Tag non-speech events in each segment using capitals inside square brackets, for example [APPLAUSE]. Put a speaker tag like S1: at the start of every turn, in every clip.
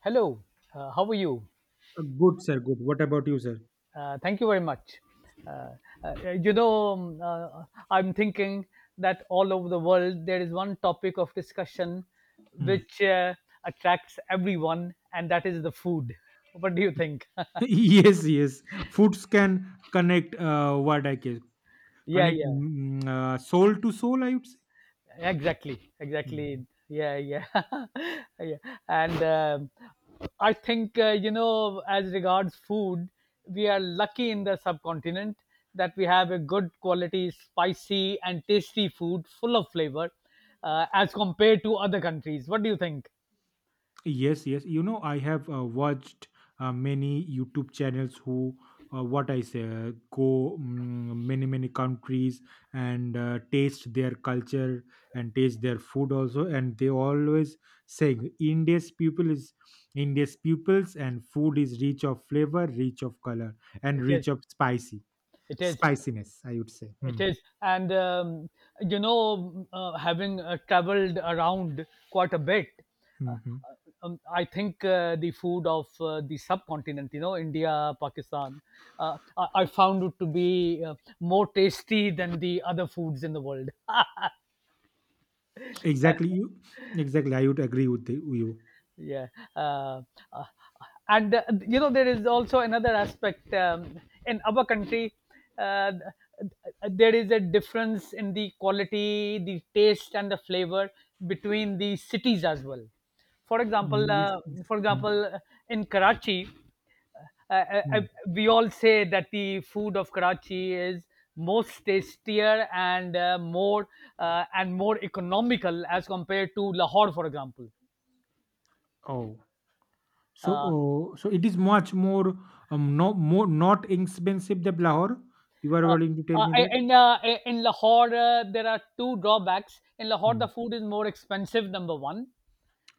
S1: Hello, how are you?
S2: Good, sir. Good. What about you, sir?
S1: Thank you very much. Uh, uh, you know, um, uh, I'm thinking that all over the world there is one topic of discussion
S2: Hmm.
S1: which attracts everyone, and that is the food. What do you think? [LAUGHS]
S2: [LAUGHS] Yes, yes. Foods can connect. What I can
S1: Yeah,
S2: connect
S1: yeah.
S2: soul to soul. I would say.
S1: Exactly,
S2: Hmm.
S1: exactly, yeah, yeah. [LAUGHS] Yeah. And I think you know, as regards food, we are lucky in the subcontinent that we have a good quality spicy and tasty food full of flavor as compared to other countries. What do you think?
S2: Yes, yes. You know, I have watched many YouTube channels who, what I say, go many, many countries and taste their culture and taste their food also. And they always saying India's peoples and food is rich of flavor, rich of color, and
S1: it is
S2: rich of spicy
S1: it is
S2: spiciness. I would say.
S1: It
S2: Hmm.
S1: is And you know, having traveled around quite a bit,
S2: Hmm, hmm.
S1: I think the food of the subcontinent, you know, India, Pakistan, I found it to be more tasty than the other foods in the world.
S2: Exactly.
S1: [LAUGHS]
S2: You Exactly. I would agree with the you.
S1: Yeah. uh, uh, and You know, there is also another aspect, in our country, uh, there is a difference in the quality, the taste and the flavor between the cities as well. for example
S2: Yes,
S1: uh,
S2: yes.
S1: for
S2: Hmm,
S1: example uh, in Karachi, uh, uh, uh,
S2: hmm.
S1: we all say that the food of Karachi is most tastier and more and more economical as compared to Lahore, for example.
S2: Oh. So,
S1: Uh,
S2: so it is much more, no, more not expensive than Lahore. You are
S1: Uh,
S2: willing to tell
S1: uh,
S2: me that?
S1: in uh, in Lahore, there are two drawbacks. In Lahore, the
S2: Hmm.
S1: food is more expensive, number one,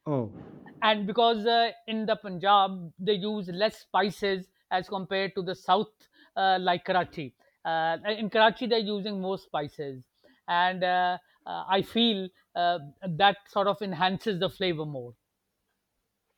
S2: Oh.
S1: and because in the Punjab they use less spices as compared to the south, like Karachi. In Karachi, they're using more spices, and I feel uh, that sort of enhances the flavor more.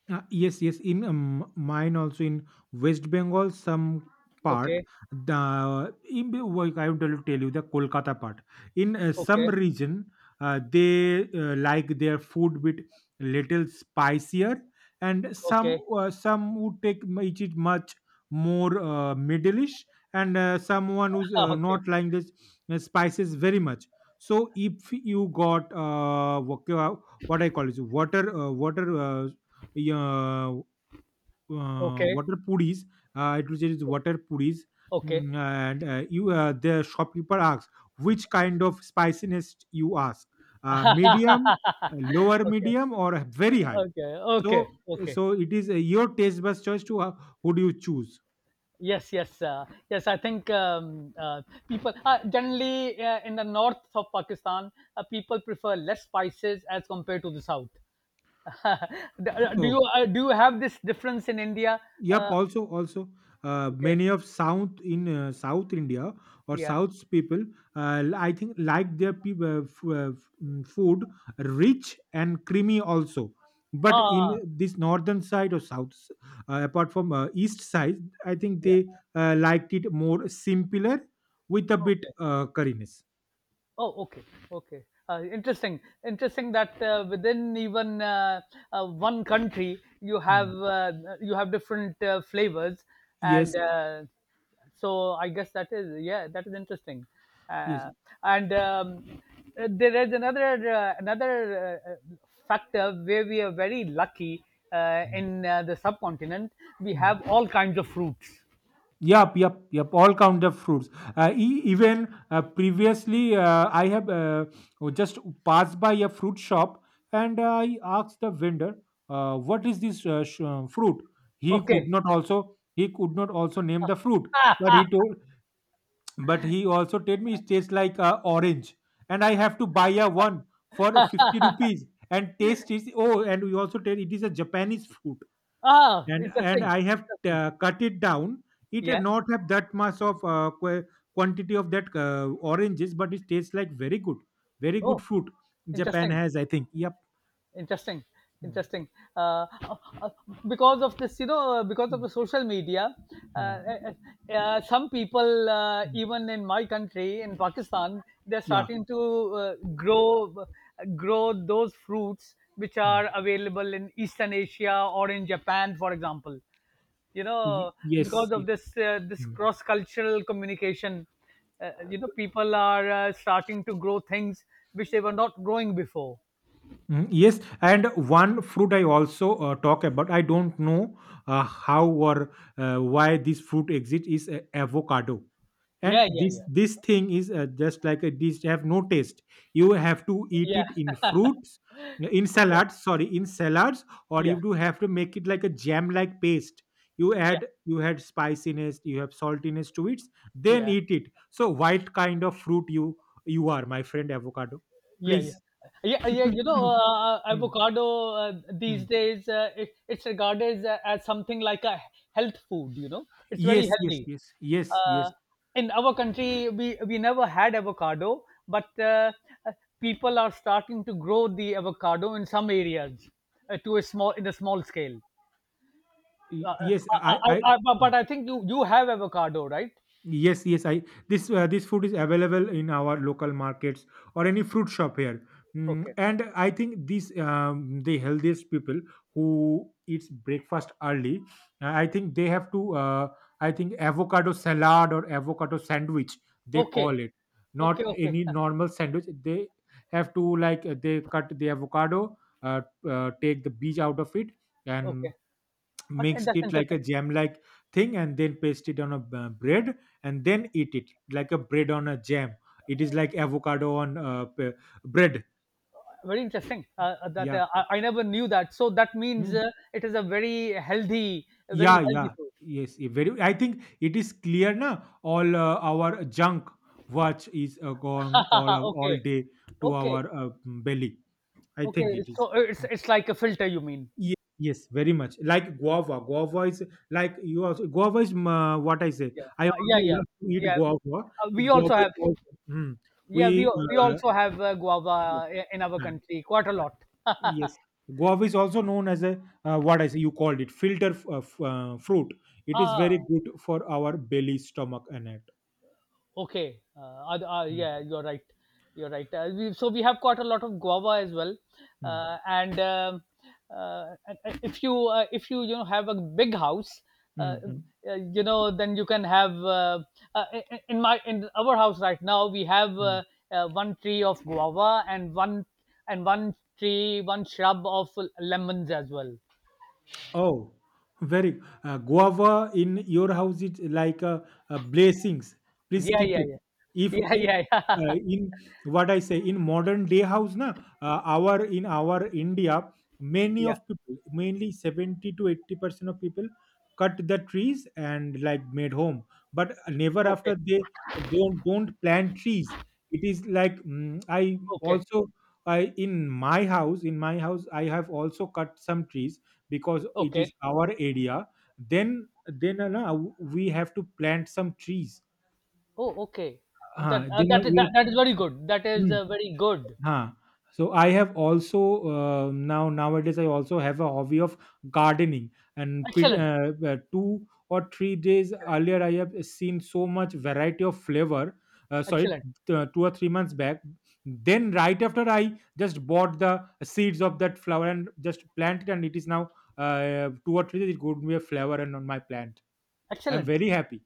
S2: Yes, yes. In mine also in West Bengal, some part,
S1: Okay,
S2: well, I want to tell you the Kolkata part. In some
S1: okay,
S2: region, they like their food with little spicier, and some
S1: okay,
S2: uh, some would take eat it much more middleish, and someone who's
S1: [LAUGHS] okay,
S2: not like this spices very much. So if you got what I call it water. Yeah,
S1: okay,
S2: water puris. It was just water puris.
S1: okay.
S2: And the shopkeeper asks, which kind of spiciness you ask? Medium,
S1: [LAUGHS]
S2: lower
S1: Okay,
S2: medium, or very high?
S1: okay,
S2: So,
S1: okay, okay.
S2: so it is your taste buds choice to who do you choose?
S1: Yes, yes, yes. I think people generally in the north of Pakistan, people prefer less spices as compared to the south. [LAUGHS] do
S2: Oh.
S1: do you have this difference in India?
S2: Yep.
S1: Uh,
S2: Also, also,
S1: okay,
S2: many of South India or
S1: yeah.
S2: South's people, I think, like their food rich and creamy also. But in
S1: Ah,
S2: this northern side or south, apart from east side, I think
S1: yeah.
S2: they liked it more simpler with a bit
S1: Okay.
S2: curriness.
S1: Oh, okay, okay. Interesting, interesting that within even one country
S2: Mm.
S1: you have different flavors,
S2: Yes.
S1: and so I guess that is, yeah, that is interesting.
S2: Yes.
S1: Uh, and There is another, another factor where we are very lucky in the subcontinent. We have all kinds of fruits.
S2: Yep, yep, yep. All kind of fruits. Even previously, I have just passed by a fruit shop and I asked the vendor, "What is this fruit?"
S1: Okay. [LAUGHS]
S2: He could not also name the fruit,
S1: Ah,
S2: but he
S1: ah,
S2: told but he also told me it tastes like orange, and I have to buy a one for 50 rupees and taste it. Oh, and we also tell it is a Japanese fruit
S1: ah,
S2: and
S1: interesting.
S2: I have
S1: Interesting.
S2: cut it down. It
S1: Yeah.
S2: not have that much of quantity of that oranges, but it tastes like very good, very good
S1: Oh.
S2: fruit. Japan
S1: Interesting,
S2: has, I think. Yep.
S1: interesting,
S2: Mm,
S1: interesting. uh, uh, uh, because of, this you know, because of
S2: mm.
S1: the social media, uh,
S2: Mm.
S1: uh, some people,
S2: Mm.
S1: even in my country, in Pakistan, they're
S2: Yeah.
S1: starting to uh, grow grow those fruits which
S2: Mm.
S1: are available in Eastern Asia or in Japan, for example. You know,
S2: Yes.
S1: because of this, this
S2: Mm.
S1: cross cultural communication, you know, people are starting to grow things which they were not growing before.
S2: Yes, and one fruit I also talk about. I don't know how or why this fruit exists is avocado. And
S1: Yeah, yeah,
S2: this
S1: yeah,
S2: this thing is just like a dish have no taste. You have to eat
S1: yeah,
S2: it in fruits, in
S1: yeah,
S2: salads, sorry, in salads, or
S1: yeah,
S2: you do have to make it like a jam like paste. you
S1: yeah,
S2: add
S1: yeah,
S2: you had spiciness, you have saltiness to it,
S1: yeah,
S2: then eat it. So what kind of fruit you are, my friend avocado?
S1: yeah,
S2: Please.
S1: yeah. Yeah, you
S2: [LAUGHS]
S1: know,
S2: Mm,
S1: avocado, these
S2: mm.
S1: days, it's regarded as something like a health food. You know, it's very
S2: Yes, yes,
S1: healthy.
S2: yes, yes, yes.
S1: Uh, in our country, we never had avocado, but uh, people are starting to grow the avocado in some areas, to a small in a small scale. Uh,
S2: Yes. i i mm.
S1: I, but I think you have avocado, right?
S2: Yes, yes. I this This food is available in our local markets or any fruit shop here.
S1: Okay.
S2: And I think the healthiest people who eats breakfast early, I think they have to. I think avocado salad or avocado sandwich they
S1: Okay.
S2: call it,
S1: Okay.
S2: not
S1: Okay.
S2: any
S1: [LAUGHS]
S2: normal sandwich. They have to like they cut the avocado, take the beach out of it, and
S1: Okay. Okay,
S2: mixed
S1: that's
S2: it like a
S1: interesting.
S2: jam like thing and then paste it on a bread, and then eat it like a bread on a jam. It is like avocado on bread.
S1: Very interesting.
S2: Yeah.
S1: I never knew that. So that means
S2: Mm.
S1: it is a
S2: Yeah,
S1: very
S2: yeah.
S1: healthy food.
S2: Yes. Very, I think it is clear now. All our junk watch is gone all
S1: [LAUGHS]
S2: all
S1: Okay,
S2: day to
S1: okay,
S2: our belly, I
S1: okay.
S2: think it
S1: So
S2: is.
S1: it's like a filter, you mean?
S2: Yes, yes, very much. Like guava. Guava is like you. Also guava is what I say. I
S1: Yeah,
S2: also
S1: yeah, yeah,
S2: love to eat
S1: yeah.
S2: guava. It
S1: We also
S2: Guava
S1: have,
S2: is also mm,
S1: yeah,
S2: we
S1: we also have
S2: uh,
S1: guava in our
S2: uh,
S1: country quite a lot. [LAUGHS]
S2: yes. Guava is also known as a what I say. You called it filter fruit. It is very
S1: Ah,
S2: good for our belly, stomach, and it.
S1: okay.
S2: Mm,
S1: Yeah, you're right. You're right. We, so we have got a lot of guava as well,
S2: mm,
S1: uh, and um, and if you, if you, you know, have a big house, uh,
S2: mm, mm,
S1: you know, then you can have in my, in our house right now we have
S2: mm.
S1: one tree of guava and one, and one tree, one shrub of lemons as well.
S2: Oh, very guava in your house is like a blessings. Please
S1: Yeah,
S2: keep
S1: yeah,
S2: it.
S1: yeah,
S2: If
S1: [LAUGHS] yeah, yeah, yeah.
S2: in what I say in modern day house na, our India, many
S1: [LAUGHS] Yeah.
S2: of people, mainly 70 to 80% of people cut the trees and like made home, but never
S1: Okay,
S2: after they don't plant trees. It is like I
S1: okay, okay,
S2: also I in my house I have also cut some trees because it is
S1: okay.
S2: our area. Then then uh, no, we have to plant some trees,
S1: Oh, okay. That
S2: then we.
S1: that is very good. That is very good.
S2: Huh. So I have also nowadays I also have a hobby of gardening and
S1: Excellent,
S2: 2 or 3 days earlier I have seen so much variety of flavor. Sorry,
S1: excellent,
S2: 2 or 3 months back. Then right after I just bought the seeds of that flower and just planted, and it is now 2 or 3 days it could be a flower and on my plant. I'm
S1: excellent,
S2: very happy.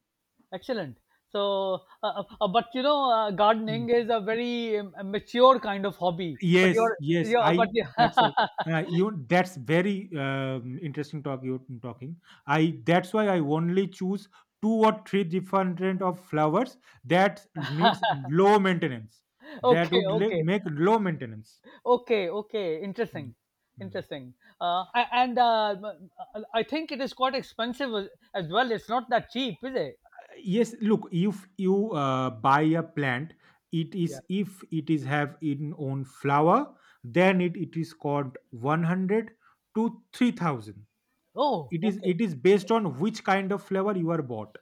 S1: excellent. So, but you know,
S2: Hmm.
S1: gardening is a very a mature kind of hobby. But
S2: Yes,
S1: you're,
S2: yes,
S1: you're but
S2: I
S1: you
S2: that's
S1: [LAUGHS]
S2: why. You That's very interesting talk you're talking. I That's why I only choose two or three different of flowers that needs low maintenance. That
S1: okay,
S2: would
S1: okay,
S2: make low maintenance.
S1: okay, okay.
S2: Mm,
S1: Interesting,
S2: mm.
S1: interesting. I think it is quite expensive as well. It's not that cheap, is it?
S2: Yes, look, if you buy a plant, it
S1: Yeah.
S2: is, if it is have in own flower, then it is called 100 to 3,000.
S1: Oh,
S2: it is
S1: okay.
S2: it is based on which kind of flower you are bought.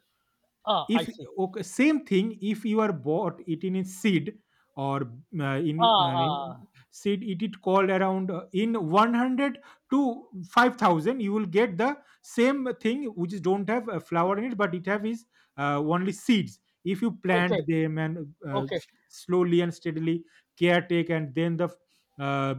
S1: Ah,
S2: If
S1: I see.
S2: Okay, same thing if you are bought it in its seed or in
S1: Ah, ah.
S2: seed, it is called around in 100 to 5,000 you will get the same thing which is don't have a flower in it but it have is only seeds. If you
S1: Okay,
S2: plant them and
S1: okay,
S2: slowly and steadily caretake and then the uh,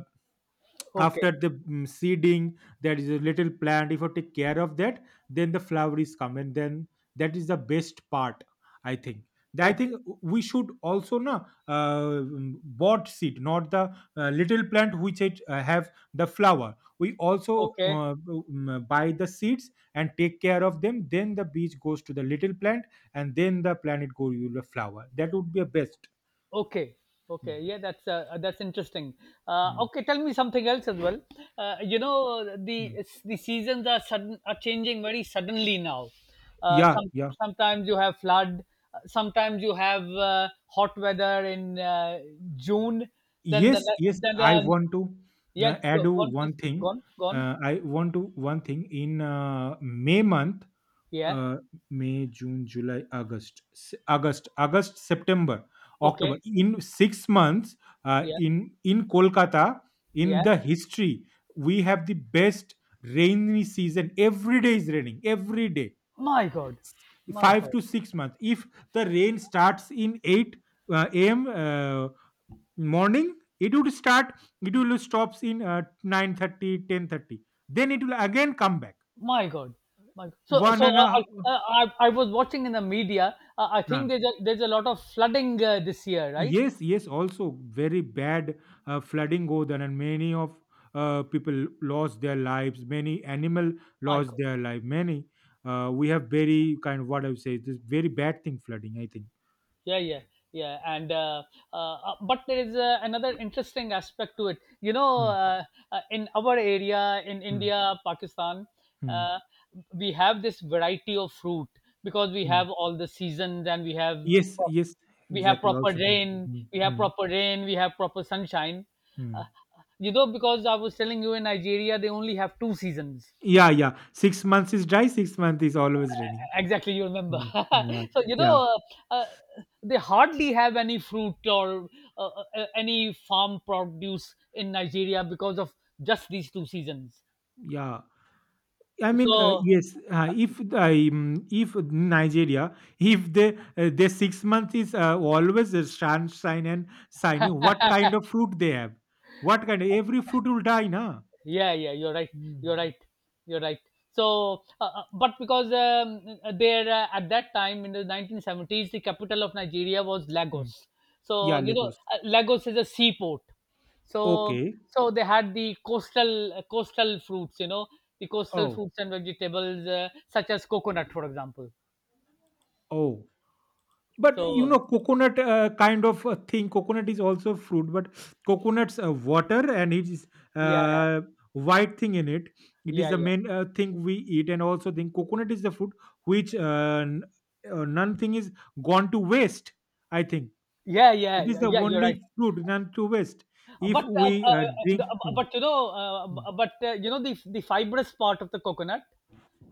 S1: okay,
S2: seeding, there is a little plant. If you take care of that, then the flower is come, and then that is the best part, I think. I think
S1: okay,
S2: we should also na, uh, mm, bought seed, not the little plant which it have the flower. We also
S1: okay,
S2: buy the seeds and take care of them, then the beach goes to the little plant and then the planet goes to the flower, that would be a best.
S1: okay, okay.
S2: Mm,
S1: Yeah, that's interesting.
S2: mm,
S1: Okay, tell me something else as well. You know,
S2: mm.
S1: the seasons are sudden, are changing very suddenly now.
S2: Yeah,
S1: Some
S2: yeah.
S1: sometimes you have flood, sometimes you have hot weather in June. Then the
S2: Yes, yes,
S1: then
S2: I
S1: the
S2: want to
S1: yeah,
S2: add
S1: go- gone,
S2: one
S1: please.
S2: thing.
S1: Gone, gone,
S2: I want to one thing in May month.
S1: yeah,
S2: uh, may, June, July, August, August, September,
S1: okay,
S2: October, in 6 months,
S1: yeah,
S2: in Kolkata, in
S1: yeah.
S2: the history we have the best rainy season, every day is raining every day,
S1: My God, my
S2: 5
S1: God.
S2: to 6 months. If the rain starts in 8 a.m. Morning, it would start, it will stops in 9:30, then it will again come back
S1: My God, my God. So
S2: one
S1: so
S2: and a
S1: I was watching in the media. I
S2: uh,
S1: think there's a, there's a lot of flooding this year, right?
S2: yes, yes, also very bad flooding go there, and many of people lost their lives, many animal
S1: My
S2: lost
S1: God,
S2: their life, many we have very kind of what I would say this very bad thing flooding, I think.
S1: yeah, yeah, yeah. And but there is another interesting aspect to it. You know,
S2: Hmm,
S1: in our area, in
S2: hmm,
S1: India, Pakistan,
S2: hmm,
S1: uh, we have this variety of fruit because we
S2: hmm.
S1: have all the seasons and we have
S2: Yes, yes, exactly. Also, mm, mm,
S1: we have
S2: mm,
S1: proper rain, we have proper sunshine.
S2: mm.
S1: You know, because I was telling you, in Nigeria they only have two seasons.
S2: Yeah, yeah. 6 months is dry. 6 months is always raining.
S1: Exactly, you remember.
S2: Mm.
S1: [LAUGHS]
S2: Yeah,
S1: So you
S2: yeah,
S1: know, uh, uh, they hardly have any fruit or any farm produce in Nigeria because of just these two seasons.
S2: yeah. I mean,
S1: So
S2: yes. If Nigeria, if they their 6 month is always a sunshine and shiny, what kind of fruit they have? What kind? Every fruit will die, na.
S1: yeah, yeah, you're right.
S2: Mm.
S1: You're right. You're right. So but because, there at that time, in the 1970s, the capital of Nigeria was
S2: Mm.
S1: Lagos. So
S2: Yeah,
S1: you know,
S2: Lagos.
S1: Lagos is a seaport. So
S2: Okay.
S1: so they had the coastal coastal fruits, you know, the coastal
S2: Oh,
S1: fruits and vegetables, such as coconut, for example.
S2: oh. But you
S1: So
S2: know, coconut kind of a thing. Coconut is also fruit, but coconut's water and it is
S1: yeah,
S2: uh, white thing in it. It is
S1: yeah,
S2: the
S1: yeah,
S2: main thing we eat, and also think coconut is the fruit which none thing is gone to waste. I think
S1: yeah, yeah,
S2: it is
S1: yeah,
S2: the
S1: yeah, you're right.
S2: only fruit none to waste. If
S1: But
S2: we
S1: uh,
S2: drink. Hmm,
S1: but you know,
S2: hmm.
S1: but you know, the fibrous part of the coconut,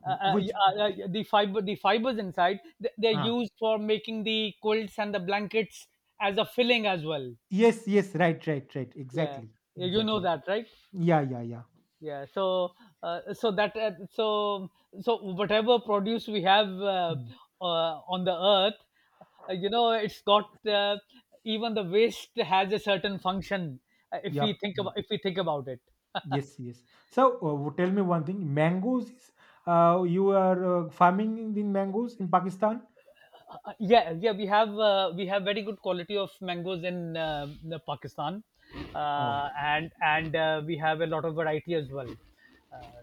S2: Which.
S1: the fiber, the fibers inside they're
S2: Ah,
S1: used for making the quilts and the blankets as a filling as well.
S2: yes, yes, right, right, right,
S1: Yeah.
S2: exactly,
S1: Yeah, you know
S2: exactly.
S1: that, right?
S2: Yeah, yeah, yeah.
S1: Yeah. So so that so so whatever produce we have uh,
S2: Mm.
S1: on the earth, you know, it's got uh, even the waste has a certain function, if
S2: Yep.
S1: we think about, if we think about it.
S2: Yes, yes. So tell me one thing. Mangoes is you are farming in the mangoes in Pakistan?
S1: Yeah, yeah, we have very good quality of mangoes in the Pakistan.
S2: Oh,
S1: And and we have a lot of variety as well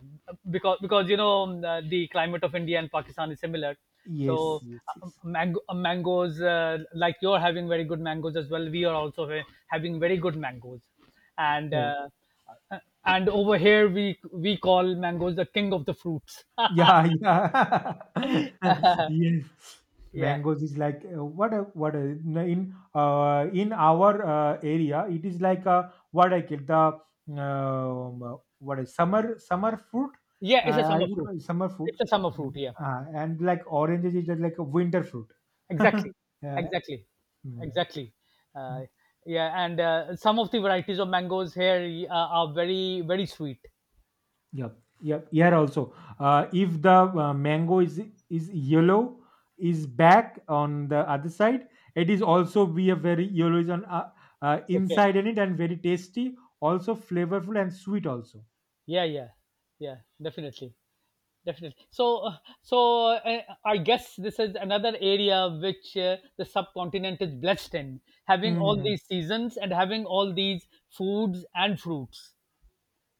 S1: because you know, the climate of India and Pakistan is similar. So
S2: yes, yes, yes.
S1: mangoes, like you're having very good mangoes as well, we are also having very good mangoes. and
S2: Oh,
S1: uh, uh, and over here we call mangoes the king of the fruits.
S2: yeah, [LAUGHS] yeah. [LAUGHS] Yes.
S1: Yeah,
S2: Mangoes is like in our area it is like what I get the what is summer fruit,
S1: yeah, it's a
S2: I
S1: summer
S2: would
S1: fruit.
S2: call it summer fruit,
S1: It's a summer
S2: uh,
S1: fruit, yeah.
S2: and like oranges is just like a winter fruit. [LAUGHS]
S1: Exactly,
S2: Yeah.
S1: exactly,
S2: Mm,
S1: exactly. Uh,
S2: mm.
S1: yeah, and some of the varieties of mangoes here are very, very sweet.
S2: Yep, yep. Here also, if the mango is yellow, is back on the other side. It is also be a very yellow is on
S1: Okay.
S2: inside in it and very tasty, also flavorful and sweet also.
S1: Yeah, yeah, yeah. Definitely, definitely. So, I guess this is another area which the subcontinent is blessed in, having all
S2: Mm.
S1: these seasons and having all these foods and fruits,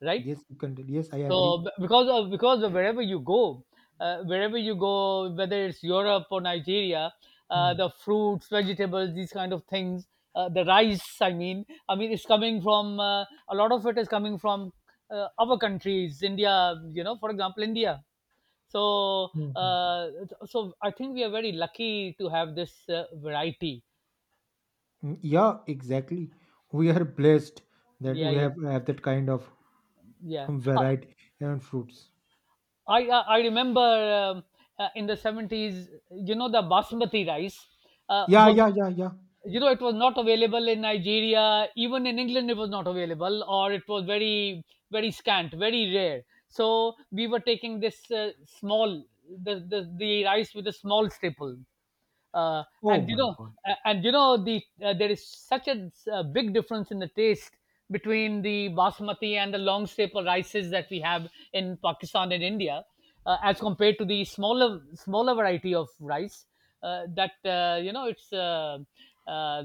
S1: right?
S2: Yes, you can. Yes, I
S1: So
S2: agree.
S1: because of wherever you go, whether it's Europe or Nigeria,
S2: Mm,
S1: the fruits, vegetables, these kind of things, the rice. I mean, it's coming from, a lot of it is coming from our countries, India. You know, for example, India. So,
S2: mm, mm.
S1: uh, so I think we are very lucky to have this variety.
S2: Mm, yeah, exactly. We are blessed that
S1: Yeah,
S2: we
S1: yeah,
S2: have that kind of
S1: yeah. Uh,
S2: variety and fruits.
S1: I remember, in the 70s, you know, the basmati rice
S2: Yeah,
S1: was,
S2: yeah, yeah, yeah.
S1: you know, it was not available in Nigeria. Even in England, it was not available, or it was very very scant, very rare. So we were taking this small the rice with a small staple
S2: Oh
S1: and
S2: my God.
S1: there is such a big difference in the taste between the basmati and the long staple rices that we have in Pakistan and India, as compared to the smaller variety of rice, that you know it's uh,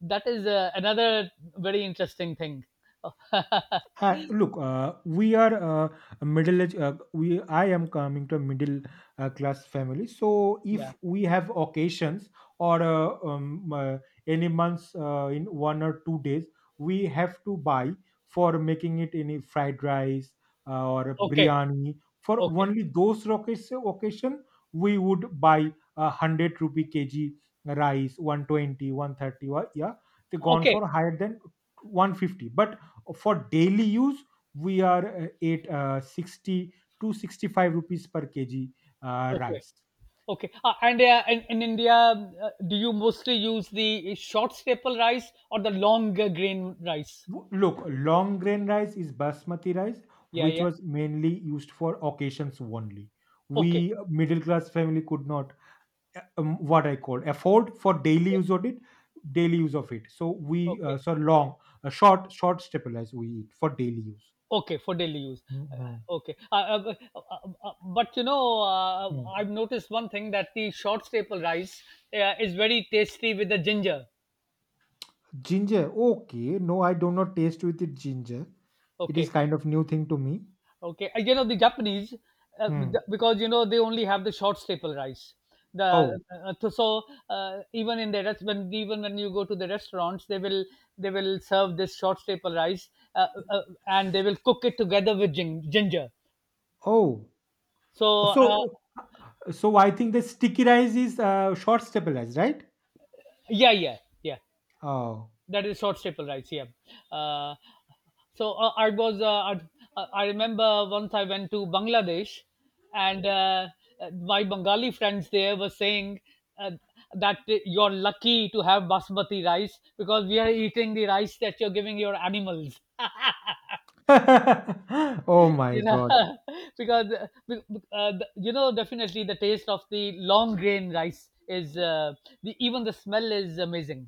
S1: that is another very interesting thing. [LAUGHS]
S2: Hi, look, we are a middle age. We I am coming to a middle class family. So
S1: Yeah.
S2: if we have occasions or any months in 1 or 2 days, we have to buy for making it any fried rice or
S1: Okay,
S2: biryani. For
S1: okay,
S2: only those occasion, we would buy 100 rupee kg rice, 120, 130. 130, yeah, they gone
S1: okay,
S2: for higher than 150. But for daily use we are at 60 to 65 rupees per kg
S1: okay,
S2: rice.
S1: okay, and in India, do you mostly use the short staple rice or the long grain rice?
S2: Look, long grain rice is basmati rice,
S1: Yeah,
S2: which
S1: yeah.
S2: was mainly used for occasions only.
S1: Okay,
S2: We middle class family could not what I call afford for daily use of it. So we
S1: okay,
S2: so long, short staple rice we eat for daily use.
S1: okay, for daily use. Uh, Okay, but
S2: Mhm.
S1: I've noticed one thing, that the short staple rice is very tasty with the ginger.
S2: Ginger. Okay. No, I do not taste with it ginger. It is
S1: Okay.
S2: kind of new thing to me.
S1: Okay, you know the Japanese,
S2: Hmm.
S1: because you know they only have the short staple rice.
S2: Oh.
S1: The So, even in the rest when even when you go to the restaurants, they will serve this short staple rice, and they will cook it together with ginger.
S2: Oh.
S1: So,
S2: So so I think the sticky rice is short stable rice, right?
S1: yeah, yeah, yeah.
S2: Oh.
S1: That is short staple rice. Yeah. uh, so uh, i was uh, i I remember once I went to Bangladesh, and my Bengali friends there were saying, uh, that you're lucky to have basmati rice, because we are eating the rice that you're giving your animals
S2: [LAUGHS] Oh my
S1: you know
S2: God.
S1: [LAUGHS] because you know definitely the taste of the long grain rice is the, even the smell is amazing.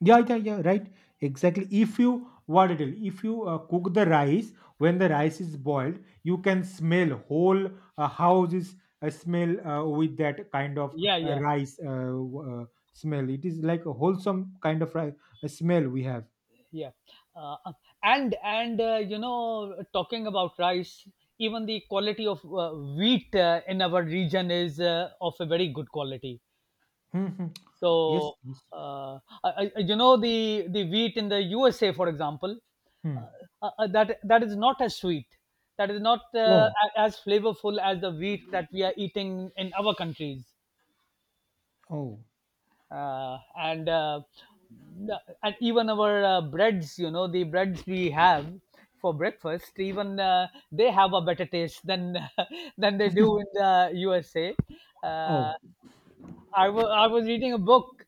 S2: Yeah, yeah, yeah, right. Exactly. If you what it is, if you cook the rice, when the rice is boiled, you can smell whole house is smell with that kind of
S1: Yeah, yeah,
S2: rice smell. It is like a wholesome kind of rice, a smell we have.
S1: yeah. uh, uh, and you know, talking about rice, even the quality of wheat in our region is of a very good quality.
S2: Mhm. Yes,
S1: So,
S2: yes.
S1: uh, you know the wheat in the USA, for example,
S2: Hmm.
S1: uh, that is not as sweet, that is not
S2: Oh,
S1: as flavorful as the wheat that we are eating in our countries,
S2: oh,
S1: uh, and uh, and even our breads, you know, the breads we have for breakfast, even they have a better taste than [LAUGHS] than they do in the USA.
S2: oh.
S1: uh, I was reading a book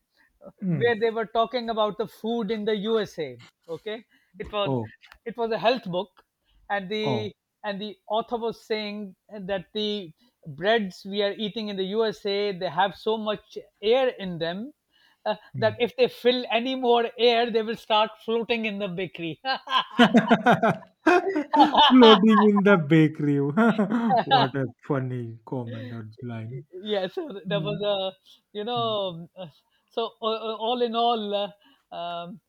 S2: Mm.
S1: where they were talking about the food in the USA. Okay, it was,
S2: Oh,
S1: it was a health book, and
S2: oh.
S1: the author was saying that the breads we are eating in the USA, they have so much air in them,
S2: Mm.
S1: that if they fill any more air they will start floating in the bakery.
S2: [LAUGHS] Floating in the bakery. [LAUGHS] What
S1: [LAUGHS]
S2: a funny comment or line.
S1: Yes, there
S2: Hmm.
S1: was a, you
S2: Mm,
S1: know uh, so, all in all,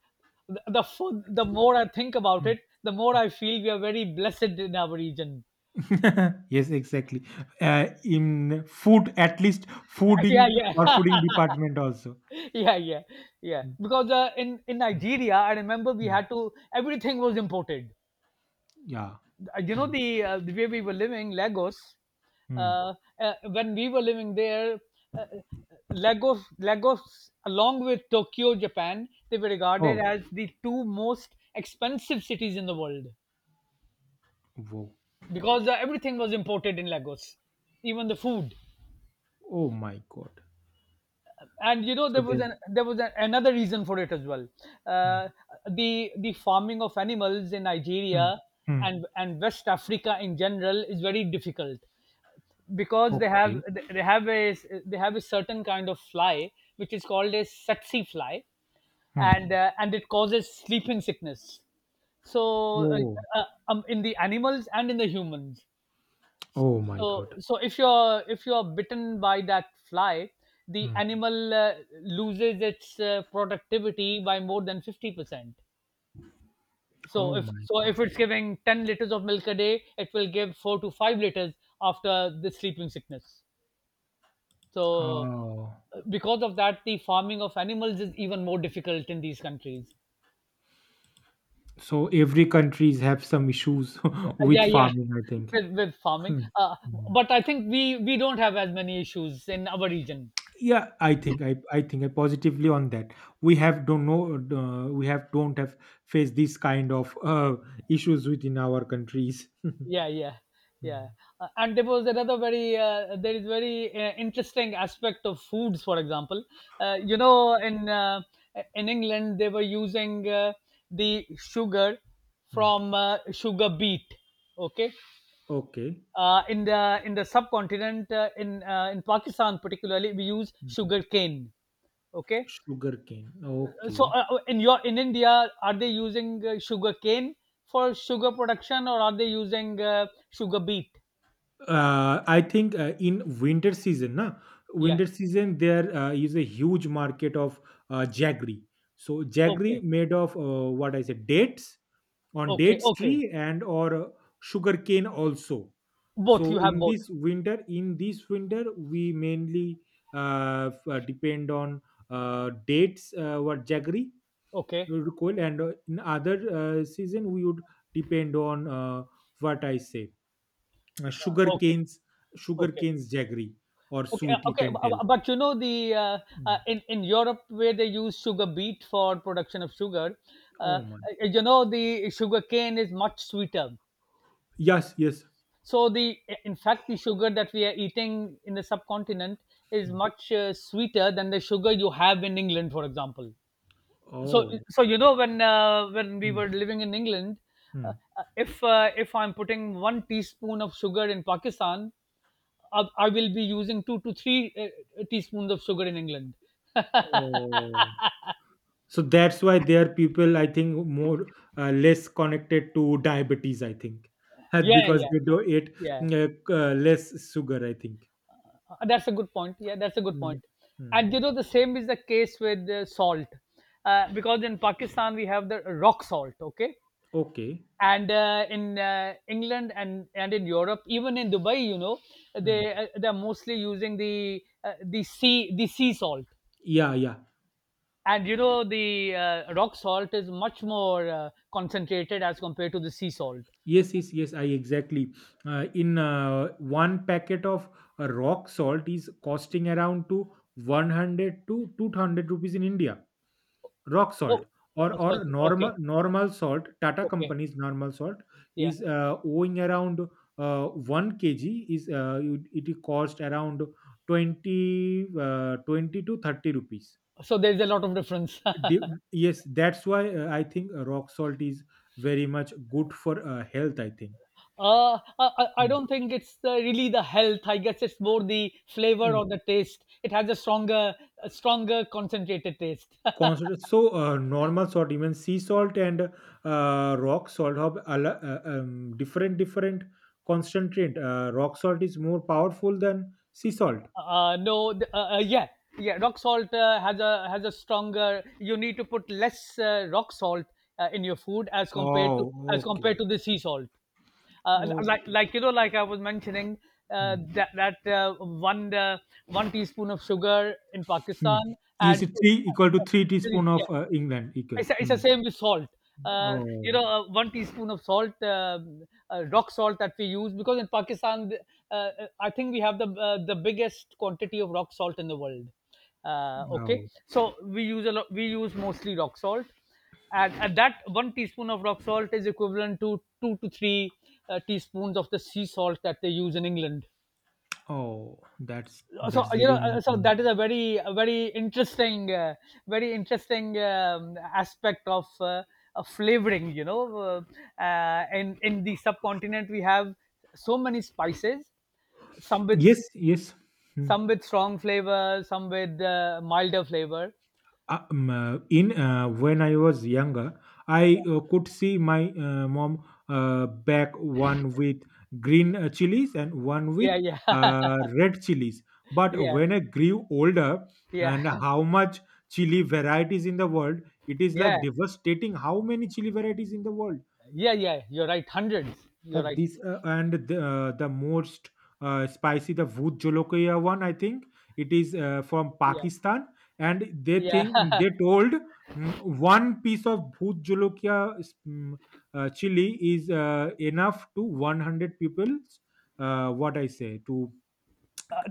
S1: the food, the more I think about
S2: mm.
S1: it, the more I feel we are very blessed in our region.
S2: [LAUGHS] Yes, exactly. In food, at least
S1: [LAUGHS] Yeah,
S2: fooding or
S1: yeah.
S2: fooding
S1: [LAUGHS]
S2: department also.
S1: Yeah, yeah, yeah,
S2: Mm,
S1: because in
S2: mm,
S1: Nigeria, I remember, we
S2: mm.
S1: had to, everything was imported,
S2: Yeah.
S1: you know
S2: Mm,
S1: the uh, the way we were living Lagos,
S2: mm.
S1: uh, when we were living there, uh, uh, lagos along with Tokyo, Japan, they were regarded
S2: Oh,
S1: as the two most expensive cities in the world,
S2: wow.
S1: because everything was imported in Lagos, even the food.
S2: Oh my God.
S1: And
S2: So there.
S1: another reason for it as well,
S2: Mm,
S1: uh, the farming of animals in
S2: mm,
S1: Nigeria
S2: mm.
S1: and West Africa in general is very difficult, because
S2: Okay.
S1: they have a they have a certain kind of fly, which is called a sexy fly,
S2: Mm.
S1: and it causes sleeping sickness, so uh,
S2: Oh,
S1: uh, um, in the animals and in the humans.
S2: oh my
S1: so
S2: God.
S1: so if you're bitten by that fly, the
S2: Mm.
S1: animal loses its productivity by more than 50%. so
S2: Oh
S1: if
S2: my
S1: so if
S2: God.
S1: it's giving 10 liters of milk a day, it will give 4 to 5 liters after the sleeping sickness. So
S2: Oh.
S1: because of that, the farming of animals is even more difficult in these countries.
S2: So every countries have some issues [LAUGHS] with
S1: Yeah, yeah.
S2: farming, I
S1: [LAUGHS]
S2: think.
S1: With farming,
S2: Mm, mm.
S1: but I think we don't have as many issues in our region.
S2: Yeah, I think, I think I positively on that. We have don't know, we have don't have faced these kind of issues within our countries. [LAUGHS]
S1: Yeah, yeah, yeah.
S2: Hmm,
S1: And there is very interesting aspect of foods, for example. You know, in, in England they were using the sugar
S2: hmm.
S1: from, sugar beet. Okay.
S2: Okay.
S1: In the in the subcontinent, in Pakistan particularly, we use
S2: Hmm.
S1: sugar cane. Okay,
S2: Sugarcane. Okay.
S1: so, in India, are they using sugar cane for sugar production, or are they using sugar beet?
S2: I think in winter season na,
S1: Yeah.
S2: winter season there is a huge market of jaggery. So jaggery
S1: Okay.
S2: made of what I said, dates on
S1: Okay.
S2: dates
S1: Okay.
S2: tree, and or sugarcane also.
S1: Both.
S2: So
S1: You have
S2: in
S1: both.
S2: this winter, we mainly depend on dates, what jaggery
S1: Okay.
S2: we would call, and in other season we would depend on what I say, uh, sugar
S1: Okay.
S2: canes sugar
S1: Okay.
S2: canes jaggery, or
S1: Okay.
S2: sweet you
S1: Okay.
S2: can tell.
S1: But you know, the
S2: Mm.
S1: in Europe where they use sugar beet for production of sugar,
S2: Oh
S1: uh,
S2: my.
S1: you know, the sugar cane is much sweeter.
S2: Yes, yes.
S1: So, the in fact, the sugar that we are eating in the subcontinent is
S2: Mm.
S1: much sweeter than the sugar you have in England, for example. So
S2: Oh.
S1: so, you know, when we
S2: Mm.
S1: were living in England,
S2: Mm.
S1: if I'm putting one teaspoon of sugar in Pakistan, I will be using 2 to 3 teaspoons of sugar in England.
S2: Oh. So that's why there are people, I think, more less connected to diabetes, I think.
S1: Yeah,
S2: Because
S1: yeah,
S2: they do eat
S1: yeah.
S2: less sugar, I think.
S1: That's a good point. Yeah, that's a good
S2: Mm.
S1: point. And you
S2: Mm.
S1: know, the same is the case with salt. Because in Pakistan, we have the rock salt, okay?
S2: Okay.
S1: And in England and in Europe, even in Dubai, you know,
S2: Mm.
S1: they're mostly using the, the sea salt,
S2: Yeah, yeah.
S1: and you know the rock salt is much more concentrated as compared to the sea salt.
S2: Yes, yes, yes, I exactly. In one packet of rock salt is costing around to 100 to 200 rupees in India, rock salt.
S1: Oh,
S2: or
S1: oh, so,
S2: or
S1: okay,
S2: normal salt, Tata
S1: okay,
S2: company's normal salt
S1: yeah.
S2: is owing around, 1 kg is, it cost around 20, 20 to 30 rupees.
S1: So there's a lot of difference. [LAUGHS]
S2: Di- yes, that's why, I think, rock salt is very much good for health, I think.
S1: I
S2: Mm.
S1: don't think it's really the health. I guess it's more the flavor or the taste. It has a stronger, concentrated taste.
S2: Constant, so normal salt, even sea salt and rock salt have different concentrate. Rock salt is more powerful than sea salt.
S1: No, yeah, yeah. Rock salt has a, has a stronger. You need to put less rock salt, in your food, as compared to
S2: Oh,
S1: as
S2: okay,
S1: compared to the sea salt. Like
S2: okay.
S1: like you know, like I was mentioning,
S2: Hmm.
S1: that that one teaspoon of sugar in
S2: Hmm.
S1: Pakistan
S2: Is
S1: and,
S2: it three equal to three teaspoon
S1: yeah,
S2: of England? Equal.
S1: it's the
S2: Hmm.
S1: same with salt. You
S2: Oh,
S1: know, one teaspoon of salt, rock salt that we use, because in Pakistan, I think we have the biggest quantity of rock salt in the world. Okay,
S2: oh,
S1: so we use a lot. We use mostly rock salt, and that one teaspoon of rock salt is equivalent to 2 to 3 teaspoons of the sea salt that they use in England.
S2: oh. That's
S1: So
S2: that's
S1: you know,
S2: very new.
S1: that is a very, a very interesting aspect of, flavoring. In the subcontinent we have so many spices, some with
S2: Yes, yes. Hmm.
S1: some with strong flavor, some with milder flavor.
S2: In when I was younger, I could see my mom back one with green chilies and one with
S1: Yeah, yeah. [LAUGHS]
S2: uh, red chilies. But
S1: Yeah,
S2: when I grew older,
S1: yeah,
S2: and how much chili varieties in the world, it is
S1: yeah,
S2: like devastating. How many chili varieties in the world?
S1: yeah, yeah, you're right, hundreds, you're right.
S2: This and the most spicy, the Bhut Jolokia one, I think it is from
S1: Yeah,
S2: Pakistan. And they
S1: yeah.
S2: think they
S1: [LAUGHS]
S2: told, mm, one piece of Bhut Jolokia is, chili is enough to 100 people, what I say, to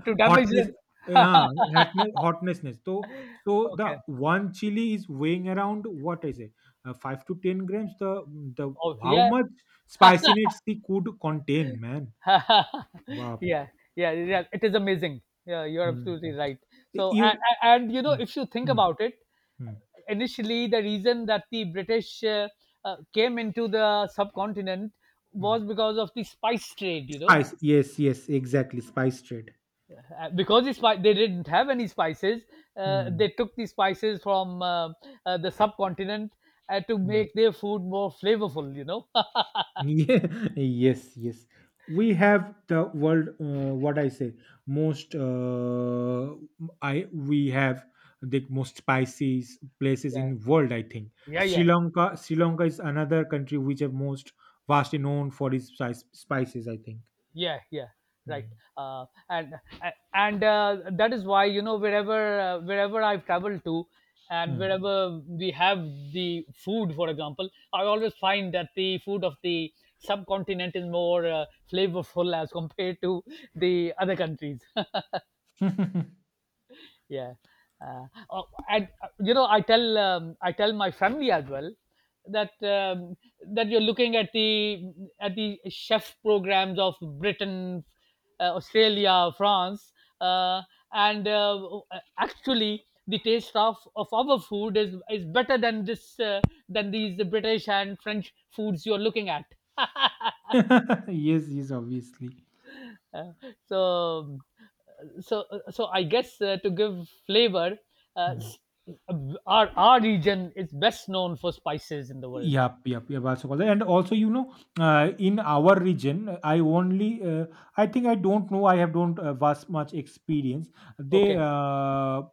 S1: To damage
S2: hotness.
S1: it.
S2: Yeah, hotness, hotnessness. So the
S1: Okay.
S2: one chili is weighing around, what I say, 5 to 10 grams. The
S1: Oh,
S2: how
S1: yeah.
S2: much spiciness it could contain, man.
S1: [LAUGHS]
S2: Wow.
S1: Yeah, yeah, yeah. It is amazing. Yeah, you're
S2: Mm,
S1: absolutely
S2: mm.
S1: right. So, and,
S2: You.
S1: and you know,
S2: Mm,
S1: if you think
S2: mm,
S1: about it,
S2: mm,
S1: initially the reason that the British came into the subcontinent
S2: mm.
S1: was because of the spice trade. You know,
S2: Spice. Yes, yes, exactly. Spice trade.
S1: because they didn't have any spices,
S2: Mm,
S1: they took the spices from, the subcontinent, to
S2: mm.
S1: make their food more flavorful. You know. [LAUGHS]
S2: Yeah, [LAUGHS] yes, yes. We have the world. What I say, most. I We have the most spicy places
S1: Yeah,
S2: in world, I think.
S1: yeah,
S2: Sri
S1: yeah.
S2: Lanka. Sri Lanka is another country which are most vastly known for its spices, I think.
S1: Yeah, yeah. Right.
S2: Hmm.
S1: Uh, and a- and uh, that is why, you know, wherever, wherever I've traveled to, and
S2: Hmm.
S1: wherever we have the food, for example, I always find that the food of the subcontinent is more flavorful as compared to the other countries. [LAUGHS] Yeah. Oh, and you know, I tell my family as well, that, that you're looking at the, at the chef programs of Britain, Australia, France, uh, and actually, the taste of our food is better than this than these British and French foods you're looking at. [LAUGHS]
S2: [LAUGHS] Yes, yes, obviously.
S1: Uh, so so so I guess, to give flavor, uh,
S2: Hmm.
S1: s- our region is best known for spices in the world.
S2: Yep, yep, yep. Also, called that. And also, in our region, I only, I think I don't know. I have don't vast much experience. They
S1: Okay.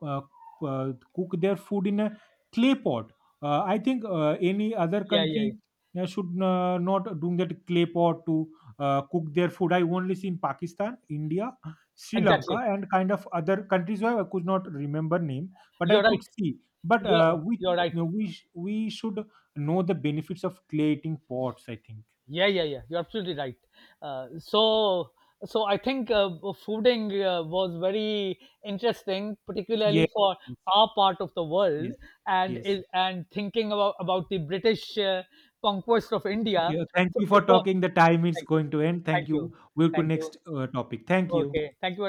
S2: uh, cook their food in a clay pot. I think any other
S1: Yeah, yeah, yeah.
S2: country should not do that clay pot to cook their food. I only see in Pakistan, India, Sri Lanka,
S1: Exactly,
S2: and kind of other countries where I could not remember name, but I
S1: you're right.
S2: could see. But
S1: you're
S2: we
S1: you're right.
S2: no, we should know the benefits of creating pots, I think.
S1: Yeah, yeah, yeah. You're absolutely right. uh, so so, I think fooding was very interesting, particularly
S2: Yes,
S1: for our part of the world,
S2: yes,
S1: and
S2: yes.
S1: is, and thinking about the British conquest of
S2: Okay.
S1: India.
S2: Thank
S1: So
S2: you for
S1: it was...
S2: talking, the time is
S1: thank you,
S2: going to end. Thank
S1: thank
S2: you,
S1: you,
S2: we'll go
S1: thank you.
S2: next topic. Thank you.
S1: Okay. Thank you very much.